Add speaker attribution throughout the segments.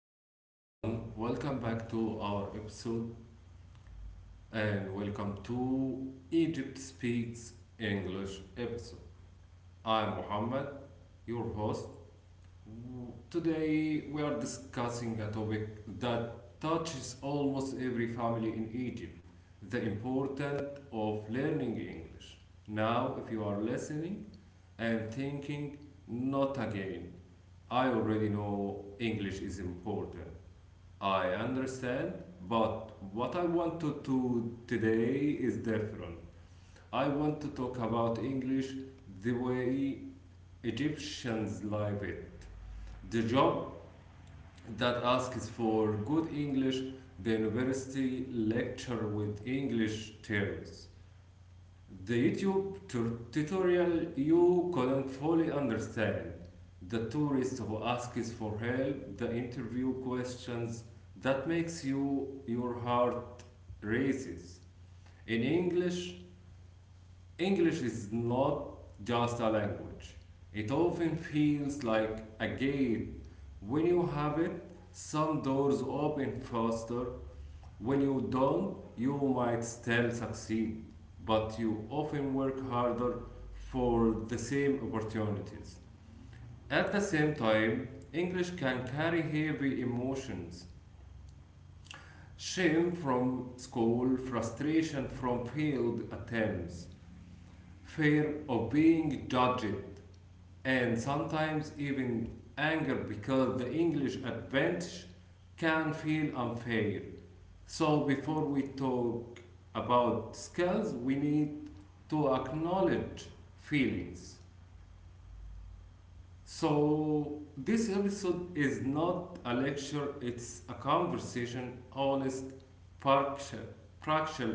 Speaker 1: Hello everyone, welcome back to our episode and welcome to Egypt Speaks English episode. I'm Mohammed, your host. Today we are discussing a topic that touches almost every family in Egypt, the importance of learning English. Now, if you are listening and thinking, not again, I already know English is important. I understand, but what I want to do today is different. I want to talk about English the way Egyptians live it. The job that asks for good English, the university lecture with English terms. The tutorial you couldn't fully understand. The tourist who asks for help, the interview questions that makes you your heart races. In English, English is not just a language. It often feels like a gate. When you have it, some doors open faster. When you don't, you might still succeed, but you often work harder for the same opportunities. At the same time, English can carry heavy emotions, shame from school, frustration from failed attempts, fear of being judged, and sometimes even anger because the English advantage can feel unfair. So, before we talk about skills, we need to acknowledge feelings. So, this episode is not a lecture, it's a conversation, honest, practical, practical,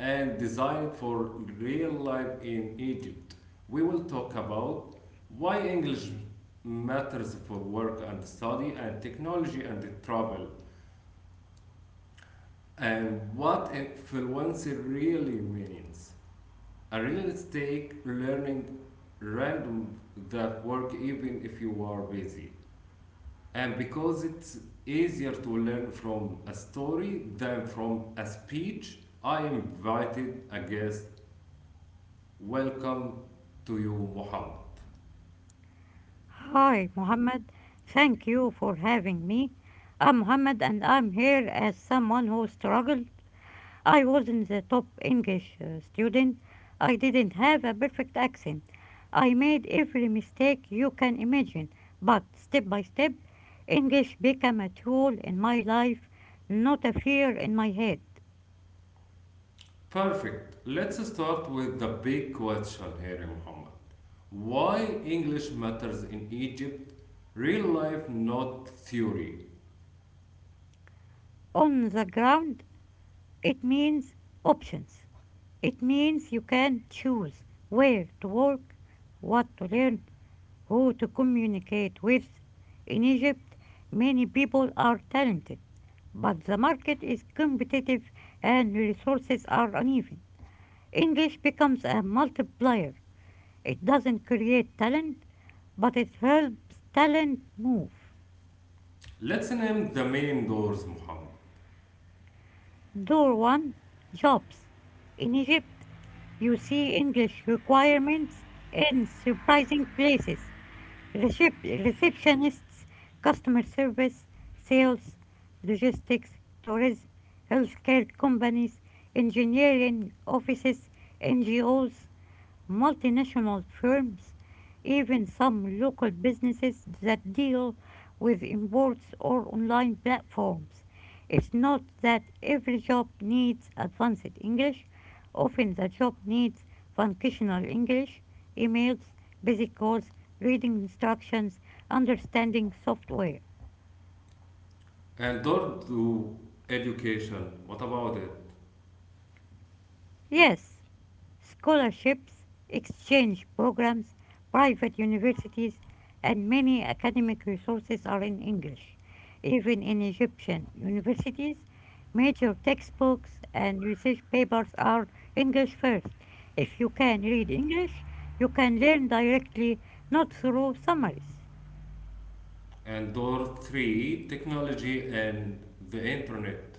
Speaker 1: and designed for real life in Egypt. We will talk about why English matters for work and study, and technology and travel, and what influencer really means. A real stake learning random that work even if you are busy. And because it's easier to learn from a story than from a speech, I invited a guest. Welcome to you, Muhammad.
Speaker 2: Hi, Mohammed. Thank you for having me. I'm Mohammed and I'm here as someone who struggled. I wasn't the top English student. I didn't have a perfect accent. I made every mistake you can imagine, but step by step, English became a tool in my life, not a fear in my head.
Speaker 1: Perfect. Let's start with the big question here, Muhammad. Why English matters in Egypt? Real life, not theory.
Speaker 2: On the ground, it means options. It means you can choose where to work, what to learn, who to communicate with. In Egypt, many people are talented, but the market is competitive and resources are uneven. English becomes a multiplier. It doesn't create talent, but it helps talent move.
Speaker 1: Let's name the main doors, Muhammad.
Speaker 2: Door 1: jobs. In Egypt, you see English requirements in surprising places. Receptionists, customer service, sales, logistics, tourism, healthcare companies, engineering offices, NGOs, multinational firms, even some local businesses that deal with imports or online platforms. It's not that every job needs advanced English, often the job needs functional English, emails, basic calls, reading instructions, understanding software.
Speaker 1: And door to education. What about it?
Speaker 2: Yes, scholarships, exchange programs, private universities, and many academic resources are in English. Even in Egyptian universities, major textbooks and research papers are English first. If you can read English, you can learn directly, not through summaries.
Speaker 1: And door three, technology and the internet.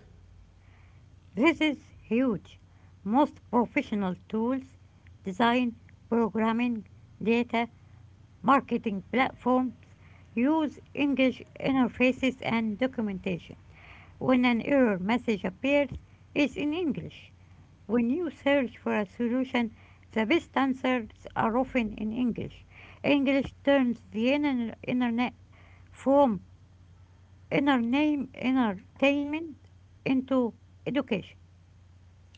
Speaker 2: This is huge. Most professional tools, design, programming, data, marketing platforms use English interfaces and documentation. When an error message appears, it's in English. When you search for a solution, the best answers are often in English. English turns the internet from entertainment into education.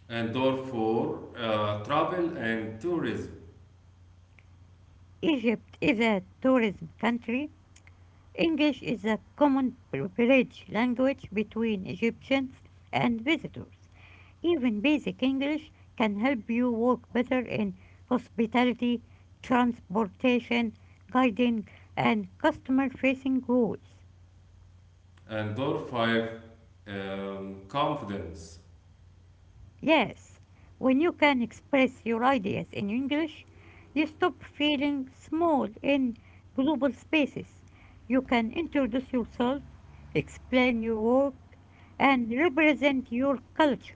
Speaker 1: And door four, travel and tourism.
Speaker 2: Egypt is a tourism country. English is a common bridge language between Egyptians and visitors. Even basic English can help you work better in hospitality, transportation, guiding, and customer facing roles.
Speaker 1: And door five, confidence.
Speaker 2: Yes, when you can express your ideas in English, you stop feeling small in global spaces. You can introduce yourself, explain your work, and represent your culture.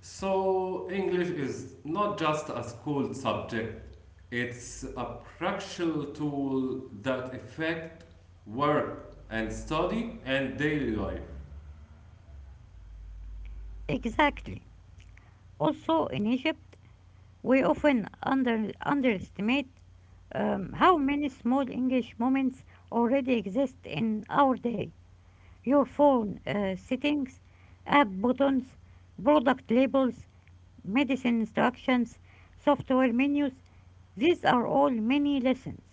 Speaker 1: So, English is not just a school subject, it's a practical tool that affect work and study and daily life.
Speaker 2: Exactly. Also, in Egypt, we often underestimate how many small English moments already exist in our day. Your phone settings, app buttons, product labels, medicine instructions, software menus. These are all mini lessons.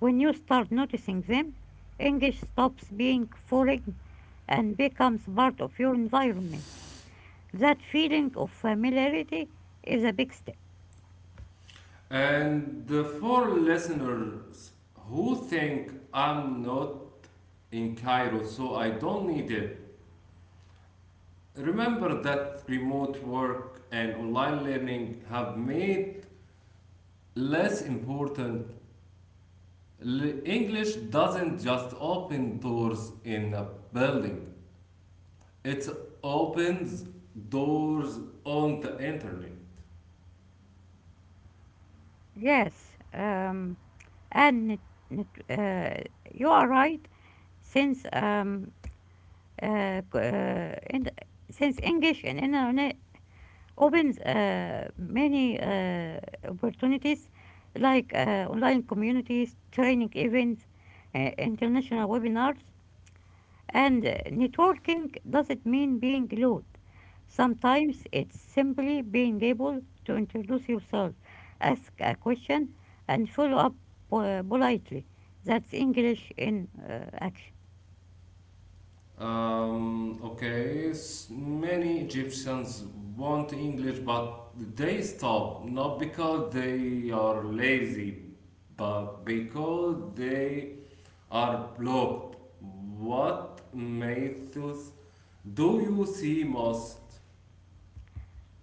Speaker 2: When you start noticing them, English stops being foreign and becomes part of your environment. That feeling of familiarity is a big step.
Speaker 1: And the four listeners who think I'm not in Cairo, so I don't need it, remember that remote work and online learning have made less important. English doesn't just open doors in a building, it opens doors on the internet.
Speaker 2: Yes, um, and it, it, uh, you are right. Since um, uh, c- uh, in, since English and internet opens many opportunities like online communities, training events, international webinars, and networking doesn't mean being loud. Sometimes it's simply being able to introduce yourself, ask a question, and follow up politely. That's English in action.
Speaker 1: Okay, many Egyptians want English, but they stop not because they are lazy, but because they are blocked. What methods do you see most?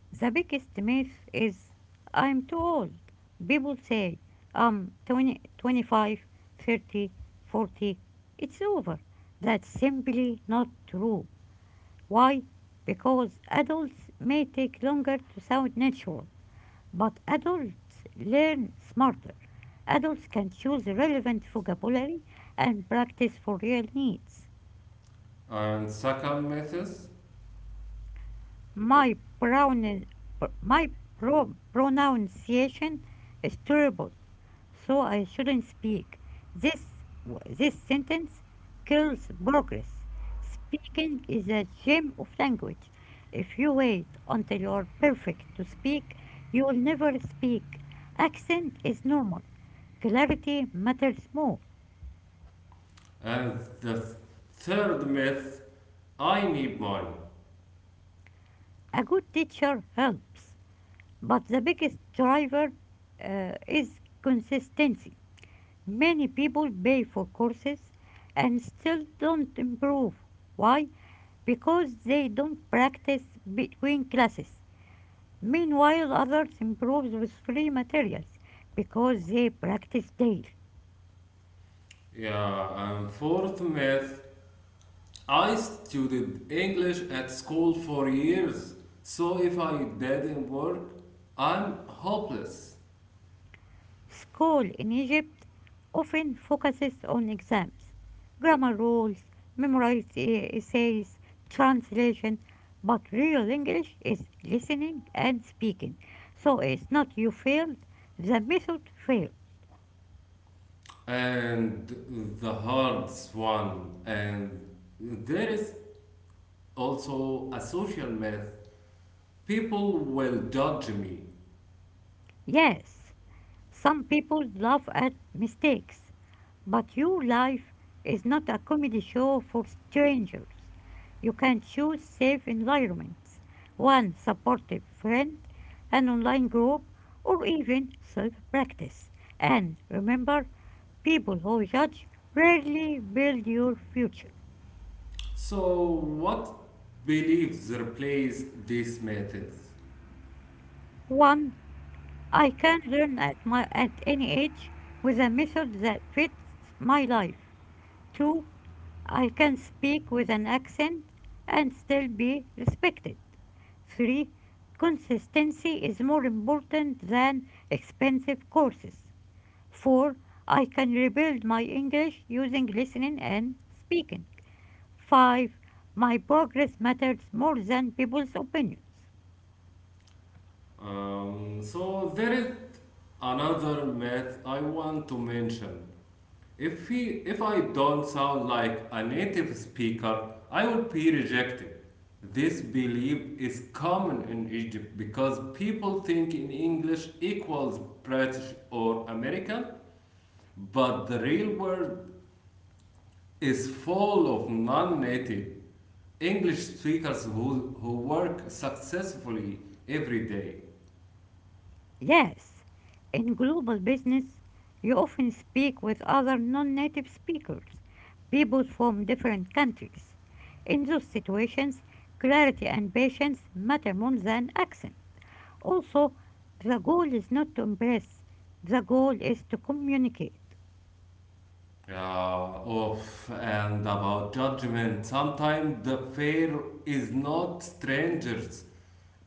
Speaker 2: The biggest myth is I'm too old. People say I'm 20, 25, 30, 40. It's over. That's simply not true. Why? Because adults may take longer to sound natural. But adults learn smarter. Adults can choose relevant vocabulary and practice for real needs.
Speaker 1: And second method,
Speaker 2: My, pronoun, my pronunciation is terrible, so I shouldn't speak. This, this sentence kills progress. Speaking is a gem of language. If you wait until you are perfect to speak, you will never speak. Accent is normal. Clarity matters more.
Speaker 1: and the third myth, I need money.
Speaker 2: A good teacher helps, but the biggest driver is consistency. Many people pay for courses and still don't improve. Why? Because they don't practice between classes. Meanwhile, others improve with free materials because they practice daily.
Speaker 1: Yeah, and fourth myth, I studied English at school for years, so if I didn't work, I'm hopeless.
Speaker 2: School in Egypt often focuses on exams, grammar rules, memorized essays, translation, but real English is listening and speaking. So it's not you failed, the method failed.
Speaker 1: And the hard one, and there is also a social myth people will judge me.
Speaker 2: Yes, some people laugh at mistakes, but your life is not a comedy show for strangers. You can choose safe environments, one supportive friend, an online group, or even self practice. And remember, people who judge rarely build your future.
Speaker 1: So, what beliefs replace these methods?
Speaker 2: One, I can learn at my at any age with a method that fits my life. Two, I can speak with an accent and still be respected. 3. Consistency is more important than expensive courses. 4. I can rebuild my English using listening and speaking. 5. My progress matters more than people's opinions.
Speaker 1: So, there is another myth I want to mention. If I don't sound like a native speaker, I will be rejected. This belief is common in Egypt because people think in English equals British or American, but the real world is full of non-native English speakers who work successfully every day.
Speaker 2: Yes, in global business, you often speak with other non native speakers, people from different countries. In those situations, clarity and patience matter more than accent. Also, the goal is not to impress, the goal is to communicate.
Speaker 1: Of and about judgment, sometimes the fear is not strangers.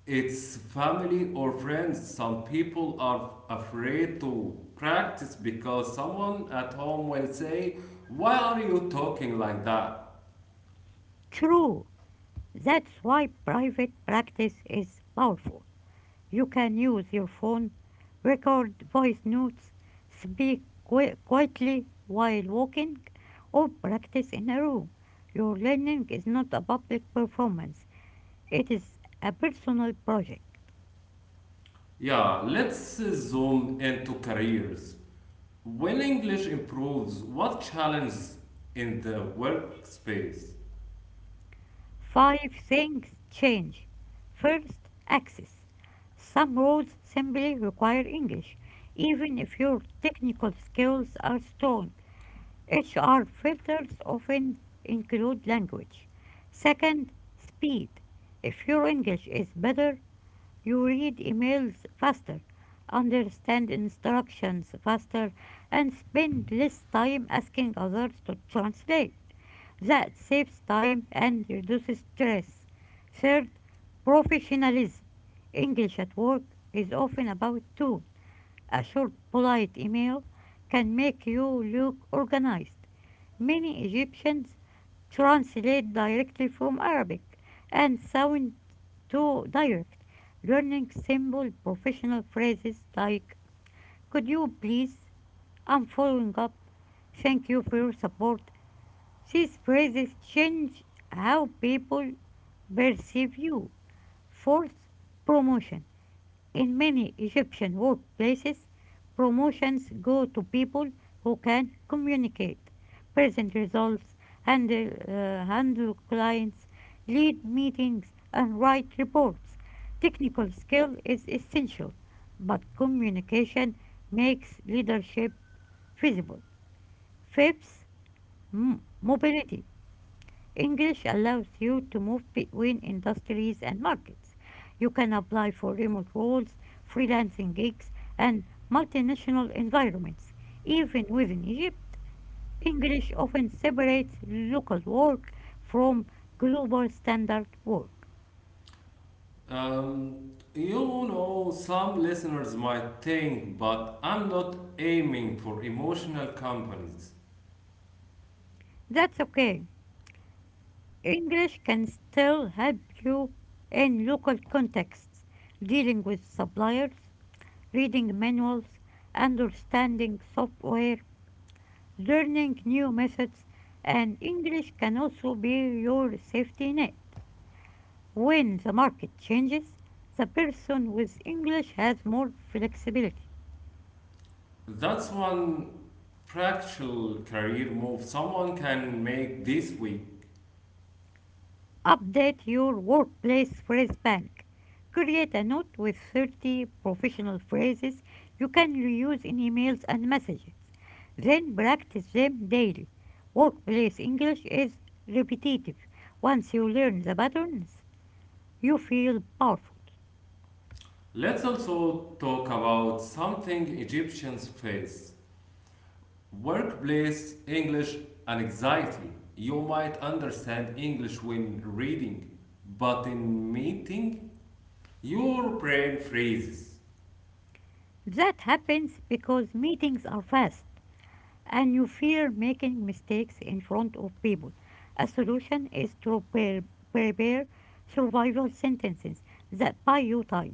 Speaker 1: It's family or friends. Some people are afraid to practice because someone at home will say, why are you talking like that?
Speaker 2: True, that's why private practice is powerful. You can use your phone, record voice notes, speak quietly while walking, or practice in a room. Your learning is not a public performance, it is a personal project.
Speaker 1: Yeah, let's zoom into careers. When English improves, what challenges in the workspace?
Speaker 2: Five things change. First, access. Some roles simply require English, even if your technical skills are strong. HR filters often include language. Second, speed. If your English is better, you read emails faster, understand instructions faster, and spend less time asking others to translate. That saves time and reduces stress. Third, professionalism. English at work is often about tone. A short, polite email can make you look organized. Many Egyptians translate directly from Arabic and sound too direct, learning simple professional phrases like "Could you please?" "I'm following up." "Thank you for your support." These phrases change how people perceive you. Fourth, promotion. In many Egyptian workplaces, promotions go to people who can communicate, present results, handle clients, lead meetings, and write reports. Technical skill is essential, but communication makes leadership feasible. Fifth, mobility. English allows you to move between industries and markets. You can apply for remote roles, freelancing gigs, and multinational environments. Even within Egypt, English often separates local work from global standard work.
Speaker 1: You know, some listeners might think, but I'm not aiming for emotional companies.
Speaker 2: That's okay. English can still help you in local contexts, dealing with suppliers, reading manuals, understanding software learning new methods, and English can also be your safety net. When the market changes, the person with English has more flexibility.
Speaker 1: That's one practical career move someone can make this week.
Speaker 2: Update your workplace phrase bank. Create a note with 30 professional phrases you can reuse in emails and messages. Then practice them daily. Workplace English is repetitive. Once you learn the patterns, you feel powerful.
Speaker 1: Let's also talk about something Egyptians face, workplace English anxiety. You might understand English when reading, but in meeting, your brain freezes.
Speaker 2: That happens because meetings are fast and you fear making mistakes in front of people. A solution is to prepare survival sentences that buy you time.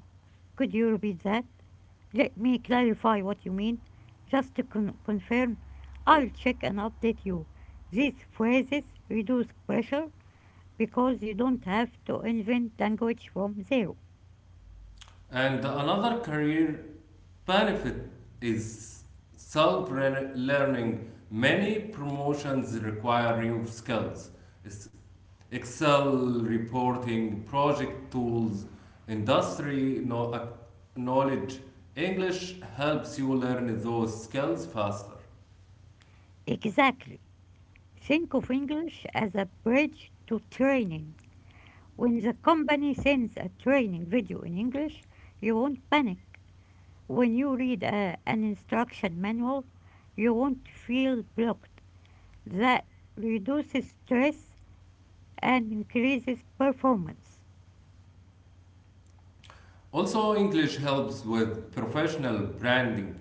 Speaker 2: Could you repeat that? Let me clarify what you mean. Just to confirm, I'll check and update you. These phrases reduce pressure because you don't have to invent language from zero.
Speaker 1: And another career benefit is self learning. Many promotions require new skills. It's Excel reporting, project tools, industry knowledge. English helps you learn those skills faster.
Speaker 2: Exactly. Think of English as a bridge to training. When the company sends a training video in English, you won't panic. When you read a, an instruction manual, you won't feel blocked. That reduces stress and increases performance.
Speaker 1: Also, English helps with professional branding.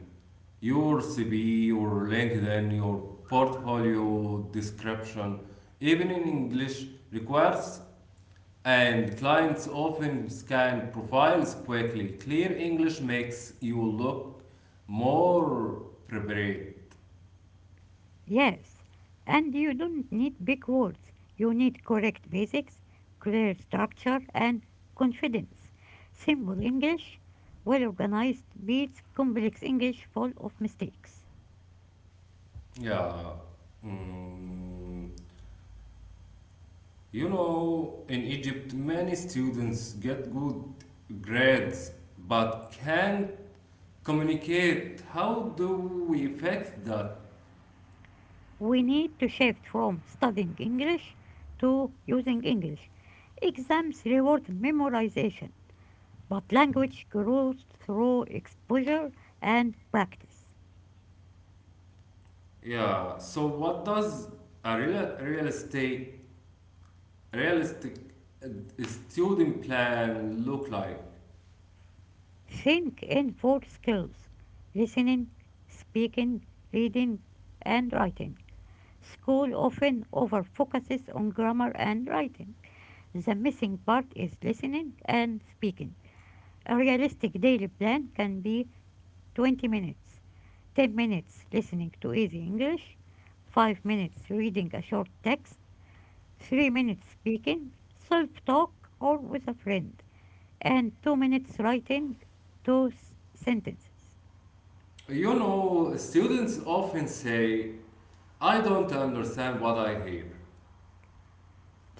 Speaker 1: Your CV, your LinkedIn, your portfolio description, even in English, requires and clients often scan profiles quickly. Clear English makes you look more prepared.
Speaker 2: Yes, and you don't need big words. You need correct basics, clear structure, and confidence. Simple English, well organized, beats complex English full of mistakes.
Speaker 1: Yeah. Mm. You know, in Egypt, many students get good grades but can't communicate. How do we fix that?
Speaker 2: We need to shift from studying English to using English. Exams reward memorization, but language grows through exposure and practice.
Speaker 1: Yeah. So what does a realistic uh, student plan look like?
Speaker 2: Think in four skills: listening, speaking, reading, and writing. School often over focuses on grammar and writing. The missing part is listening and speaking. A realistic daily plan can be 20 minutes: 10 minutes listening to easy English, 5 minutes reading a short text, 3 minutes speaking, self talk or with a friend, and 2 minutes writing two sentences.
Speaker 1: You know, students often say, "I don't understand what I hear."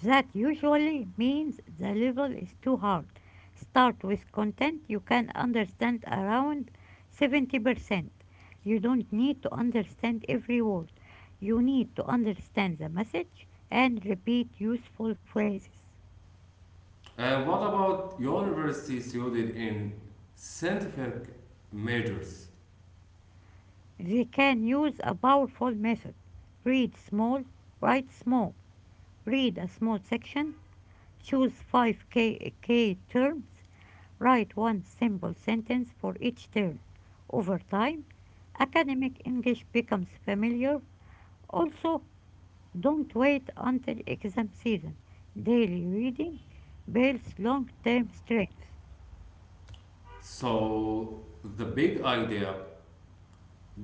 Speaker 2: That usually means the level is too hard. Start with content you can understand around 70%. You don't need to understand every word. You need to understand the message and repeat useful phrases.
Speaker 1: And what about university student in scientific majors?
Speaker 2: They can use a powerful method. Read small, write small. Read a small section, choose 5 K, K terms, write one simple sentence for each term. Over time, academic English becomes familiar. Also, don't wait until exam season. Daily reading builds long term strength.
Speaker 1: So the big idea: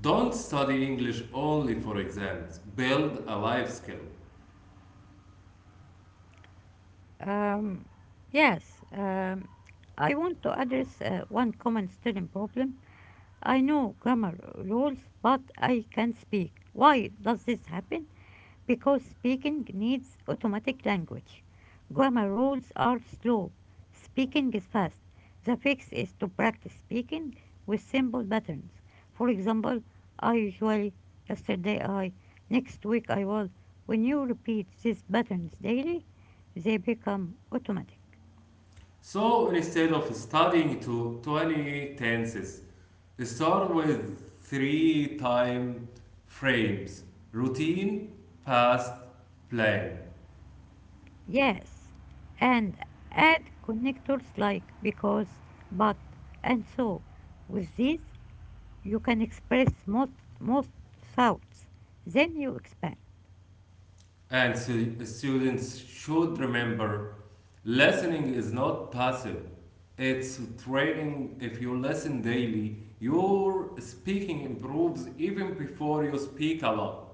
Speaker 1: don't study English only for exams. Build a life skill.
Speaker 2: Um, yes, um, I want to address one common student problem. I know grammar rules, but I can't speak. Why does this happen? Because speaking needs automatic language. Grammar rules are slow. Speaking is fast. The fix is to practice speaking with simple patterns. For example, I usually, yesterday I, next week I will. When you repeat these patterns daily, they become automatic.
Speaker 1: So instead of studying to 20 tenses, start with three time frames routine, past, plan.
Speaker 2: Yes, and add connectors like because, but, and so. With these, you can express most thoughts, then you expand.
Speaker 1: And students should remember listening is not passive, it's training. If you listen daily, your speaking improves even before you speak a lot.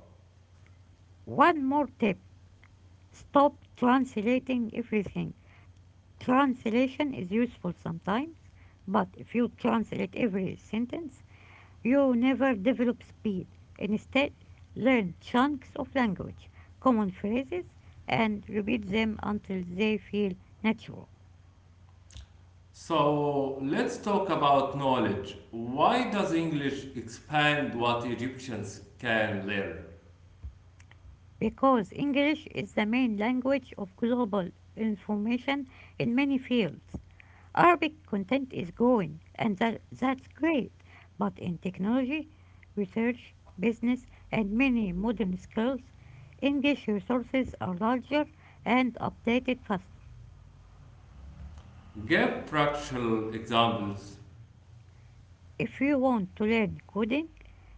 Speaker 2: One more tip: stop translating everything. Translation is useful sometimes, but if you translate every sentence, you never develop speed. Instead, learn chunks of language, common phrases, and repeat them until they feel natural.
Speaker 1: So let's talk about knowledge. Why does English expand what Egyptians can learn?
Speaker 2: Because English is the main language of global information in many fields. Arabic content is growing, and that's great. But in technology, research, business, and many modern skills, English resources are larger and updated faster.
Speaker 1: Give practical examples.
Speaker 2: If you want to learn coding,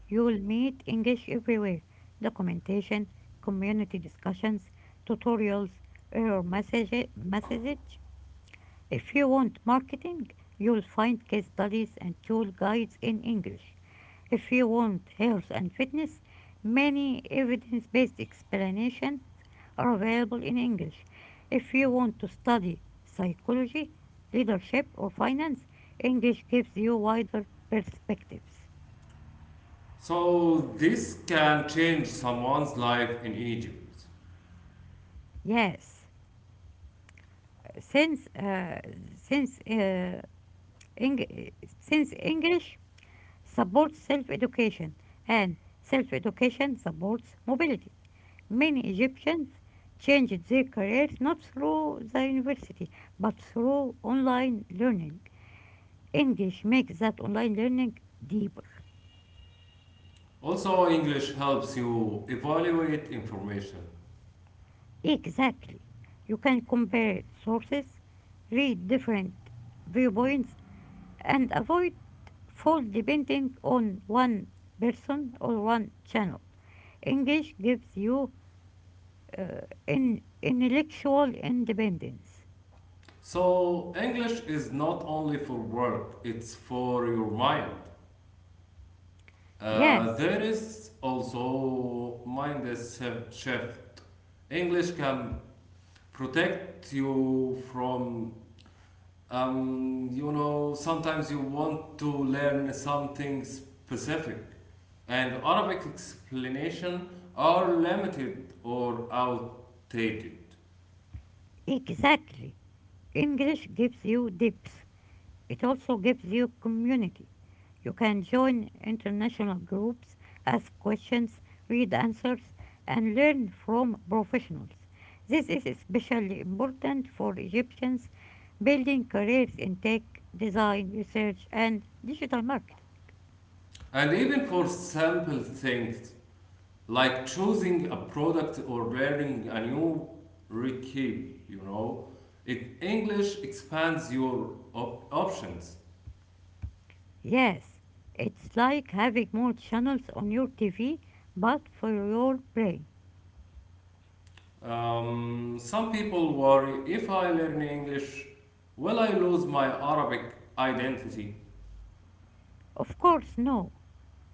Speaker 2: you will meet English everywhere: documentation, community discussions, tutorials, messages, if you want marketing, you'll find case studies and tool guides in English. If you want health and fitness, many evidence based explanations are available in English. If you want to study psychology, leadership, or finance, English gives you wider perspectives.
Speaker 1: So this can change someone's life in Egypt.
Speaker 2: Yes, since uh, since uh, Eng- since English supports self-education and self-education supports mobility. Many Egyptians changed their careers not through the university but through online learning. English makes that online learning deeper.
Speaker 1: Also, English helps you evaluate information.
Speaker 2: Exactly. You can compare sources, read different viewpoints, and avoid fall depending on one person or one channel. English gives you uh, in intellectual independence.
Speaker 1: So English is not only for work, it's for your mind.
Speaker 2: Yes,
Speaker 1: There is also mind shift. English can protect you from, you know, sometimes you want to learn something specific and arabic explanation are limited or outdated,
Speaker 2: exactly. English gives you depth. It also gives you community. You can join international groups, ask questions, read answers, and learn from professionals. This is especially important for Egyptians building careers in tech, design, research, and digital marketing.
Speaker 1: and even for simple things like choosing a product or learning a new recipe, english expands your options.
Speaker 2: Yes, it's like having more channels on your TV, but for your brain.
Speaker 1: Some people worry if I learn English, will I lose my Arabic identity?
Speaker 2: Of course, no.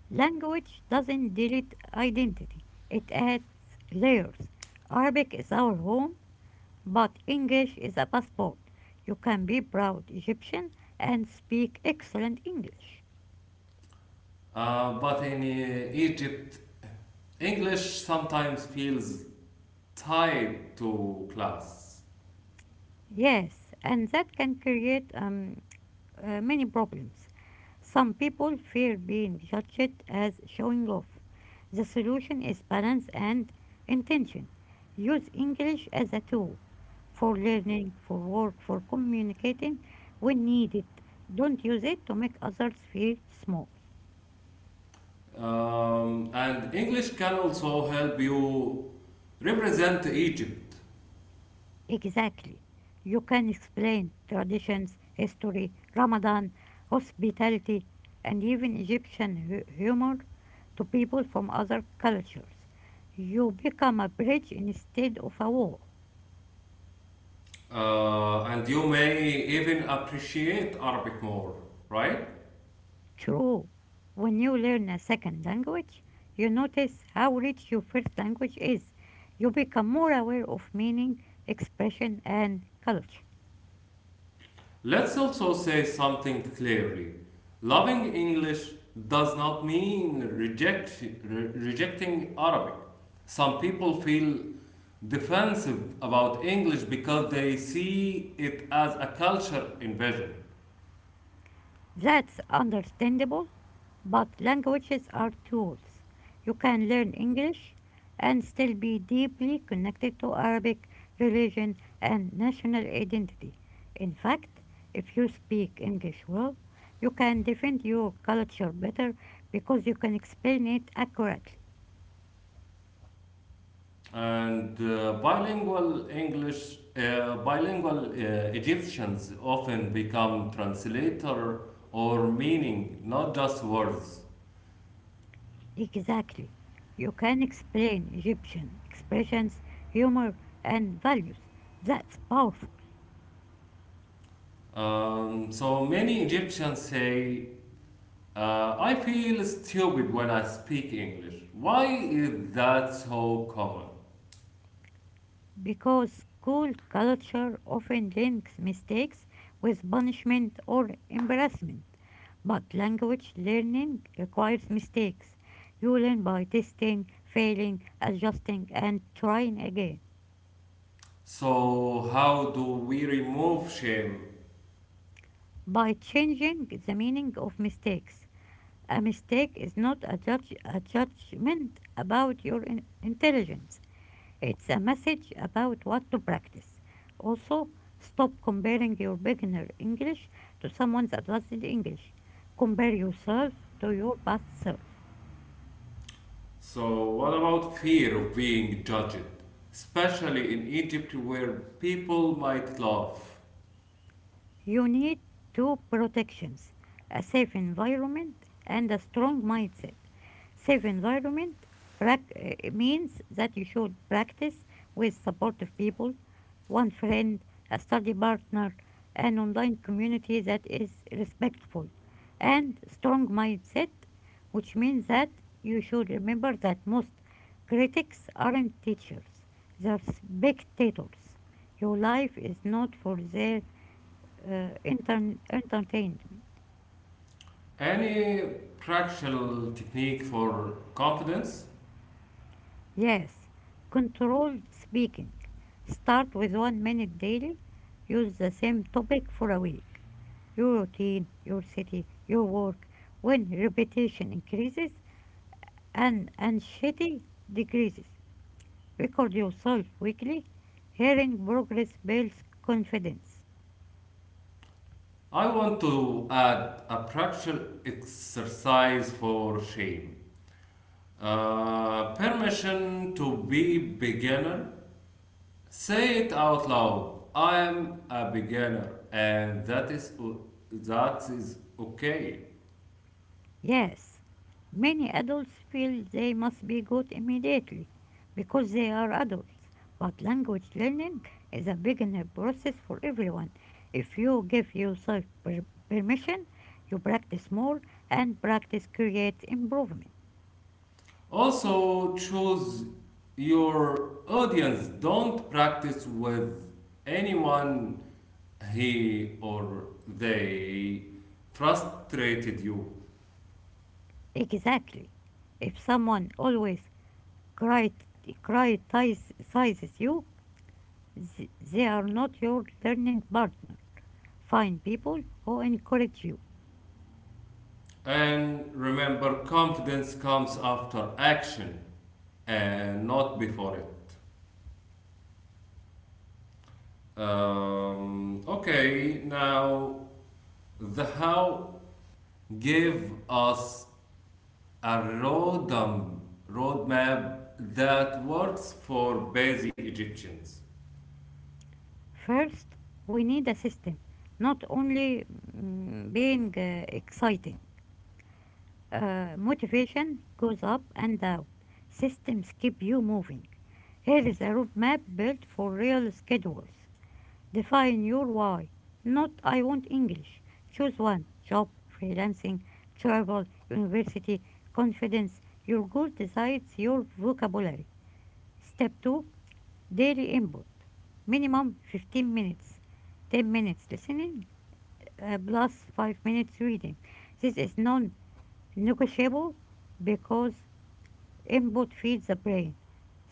Speaker 2: Language doesn't delete identity, it adds layers. Arabic is our home, but English is a passport. You can be proud Egyptian and speak excellent English.
Speaker 1: But in Egypt, English sometimes feels tied to class.
Speaker 2: Yes, and that can create many problems. Some people fear being judged as showing off. The solution is balance and intention. Use English as a tool for learning, for work, for communicating when needed. Don't use it to make others feel small.
Speaker 1: And English can also help you represent Egypt.
Speaker 2: Exactly. You can explain traditions, history, Ramadan, hospitality, and even Egyptian humor to people from other cultures. You become a bridge instead of a wall.
Speaker 1: And you may even appreciate Arabic more, right?
Speaker 2: True. When you learn a second language, you notice how rich your first language is. You become more aware of meaning, expression, and culture.
Speaker 1: Let's also say something clearly. Loving English does not mean rejecting Arabic. Some people feel defensive about English because they see it as a culture invasion.
Speaker 2: That's understandable, but languages are tools. You can learn English and still be deeply connected to Arabic religion and national identity. In fact, if you speak English well, you can defend your culture better because you can explain it accurately.
Speaker 1: And bilingual English, bilingual Egyptians often become translator or meaning, not just words.
Speaker 2: Exactly. You can explain Egyptian expressions, humor, and values. That's powerful.
Speaker 1: So many Egyptians say, uh, I feel stupid when I speak English. Why is that so common?
Speaker 2: Because school culture often links mistakes with punishment or embarrassment. But language learning requires mistakes. You learn by testing, failing, adjusting, and trying again.
Speaker 1: So, how do we remove shame?
Speaker 2: By changing the meaning of mistakes, a mistake is not a judgment about your intelligence. It's a message about what to practice. Also, stop comparing your beginner English to someone's advanced English. Compare yourself to your past self.
Speaker 1: So, what about fear of being judged? Especially in Egypt where people might laugh.
Speaker 2: You need two protections: a safe environment and a strong mindset. Safe environment means that you should practice with supportive people, one friend, a study partner, an online community that is respectful, and strong mindset, which means that you should remember that most critics aren't teachers, they're spectators. Your life is not for their entertainment.
Speaker 1: Any practical technique for confidence?
Speaker 2: Yes, controlled speaking. Start with 1 minute daily. Use the same topic for a week. Your routine, your city, your work. When repetition increases and anxiety decreases, record yourself weekly. Hearing progress builds confidence.
Speaker 1: I want to add a practical exercise for shame. Permission to be beginner. Say it out loud. I am a beginner, and that is okay.
Speaker 2: Yes, many adults feel they must be good immediately because they are adults, but language learning is a beginner process for everyone. If you give yourself permission, you practice more and practice creates improvement.
Speaker 1: Also, choose your audience. Don't practice with anyone he or they frustrated you.
Speaker 2: Exactly. If someone always crit- criticizes you, they are not your learning partner. Find people who encourage you.
Speaker 1: And remember, confidence comes after action and not before it. Okay, now the how, give us a roadmap that works for busy Egyptians.
Speaker 2: First, we need a system, not only being exciting. Motivation goes up and down. Systems keep you moving. Here is a roadmap built for real schedules. Define your why, not I want English. Choose one: job, freelancing, travel, university, confidence. Your goal decides your vocabulary. Step two: Dairy input, minimum 15 minutes, 10 minutes listening, plus 5 minutes reading. This is non negotiable because input feeds the brain.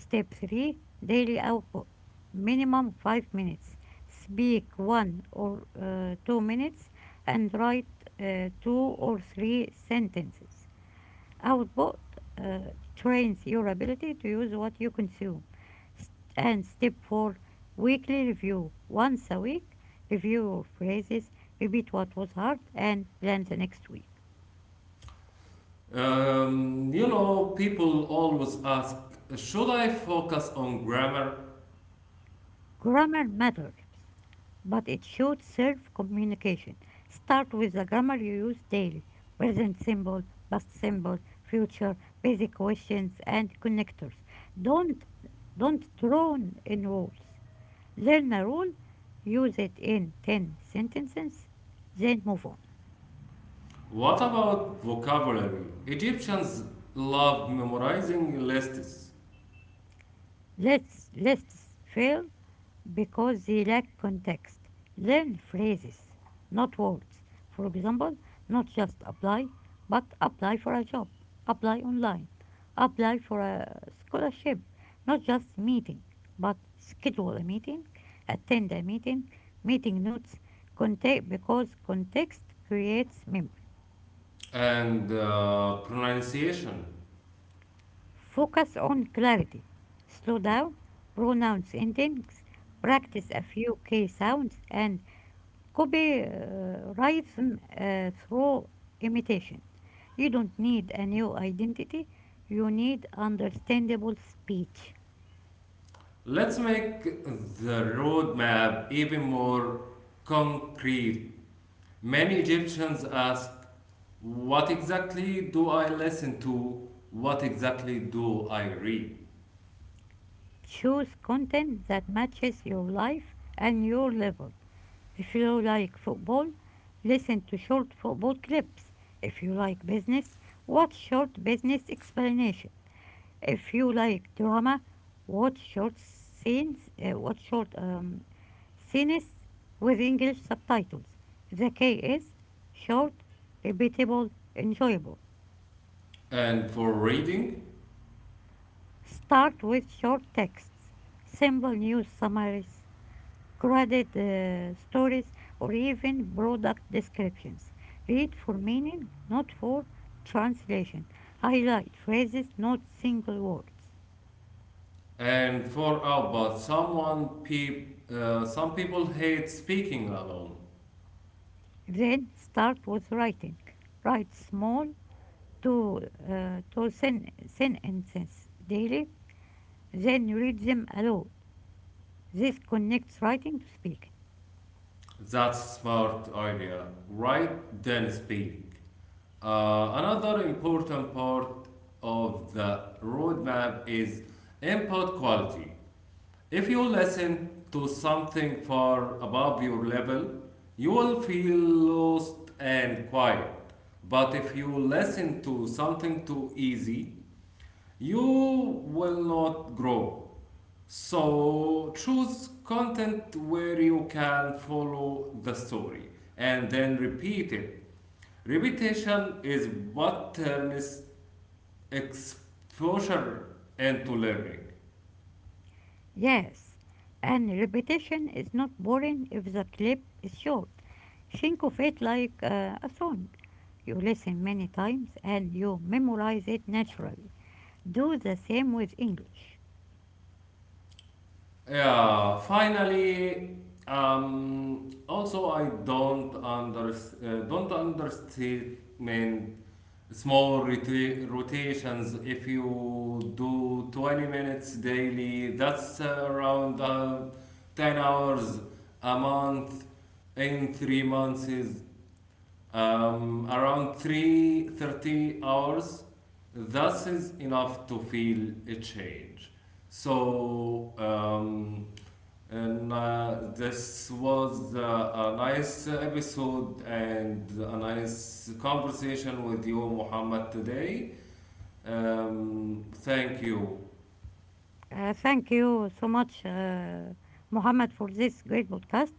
Speaker 2: Step 3: Daily output, minimum 5 minutes. Speak 1 or 2 minutes and write 2 or 3 sentences. Output uh, trains your ability to use what you consume. And step four, weekly review. Once a week, review your phrases, repeat what was hard, and plan the next week.
Speaker 1: You know, people always ask, should I focus on grammar?
Speaker 2: Grammar matters, but it should serve communication. Start with the grammar you use daily: present symbol, past symbol, future, basic questions, and connectors. Don't don't drown in rules. Learn a rule, use it in 10 sentences, then move on.
Speaker 1: What about vocabulary? Egyptians love memorizing lists
Speaker 2: Let's lists fail because they lack context. Learn phrases, not words. For example, not just apply, but apply for a job, apply online, apply for a scholarship; not just meeting, but schedule a meeting, attend a meeting, meeting notes. Context, because context creates memory.
Speaker 1: and pronunciation.
Speaker 2: Focus on clarity. Slow down, pronounce endings, practice a few key sounds, and copy rhythm through imitation. You don't need a new identity, you need understandable speech.
Speaker 1: Let's make the roadmap even more concrete. Many Egyptians ask, what exactly do I listen to? What exactly do I read?
Speaker 2: Choose content that matches your life and your level. If you like football, listen to short football clips. If you like business, watch short business explanations. If you like drama, watch short scenes with English subtitles. The key is short, repeatable, enjoyable.
Speaker 1: And for reading
Speaker 2: Start with short texts, simple news summaries, graded stories, or even product descriptions. Read for meaning, not for translation. Highlight phrases, not single words.
Speaker 1: and for output, some people hate speaking alone.
Speaker 2: Then start with writing. Write small, to to sentences daily, then read them aloud. This connects writing to speaking.
Speaker 1: That's smart idea. Write then speak. Another important part of the roadmap is input quality. If you listen to something far above your level, you will feel lost and quiet. But if you listen to something too easy, you will not grow. So choose content where you can follow the story and then repeat it. Repetition is what turns exposure into learning.
Speaker 2: Yes, and repetition is not boring if the clip is short. Think of it like a song. You listen many times and you memorize it naturally. Do the same with English.
Speaker 1: Yeah, finally, also I don't underestimate small rotations. If you do 20 minutes daily, that's around 10 hours a month in 3 months. Is around 3:30 hours thus is enough to feel a change so and this was a nice episode and a nice conversation with you muhammad today, thank you.
Speaker 2: Thank you so much, Mohammed, for this great podcast.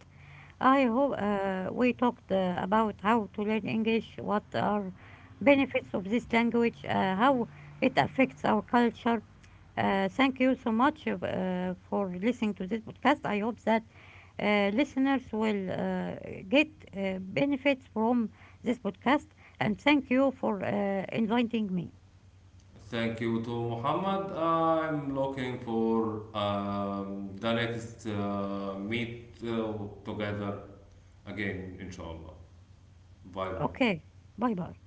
Speaker 2: I hope we talked about how to learn English, what are benefits of this language, how it affects our culture. Thank you so much for listening to this podcast. I hope that listeners will get benefits from this podcast. And thank you for inviting me.
Speaker 1: Thank you to muhammad, I'm looking for the next meet together again, inshallah. Bye bye.
Speaker 2: Okay, bye bye.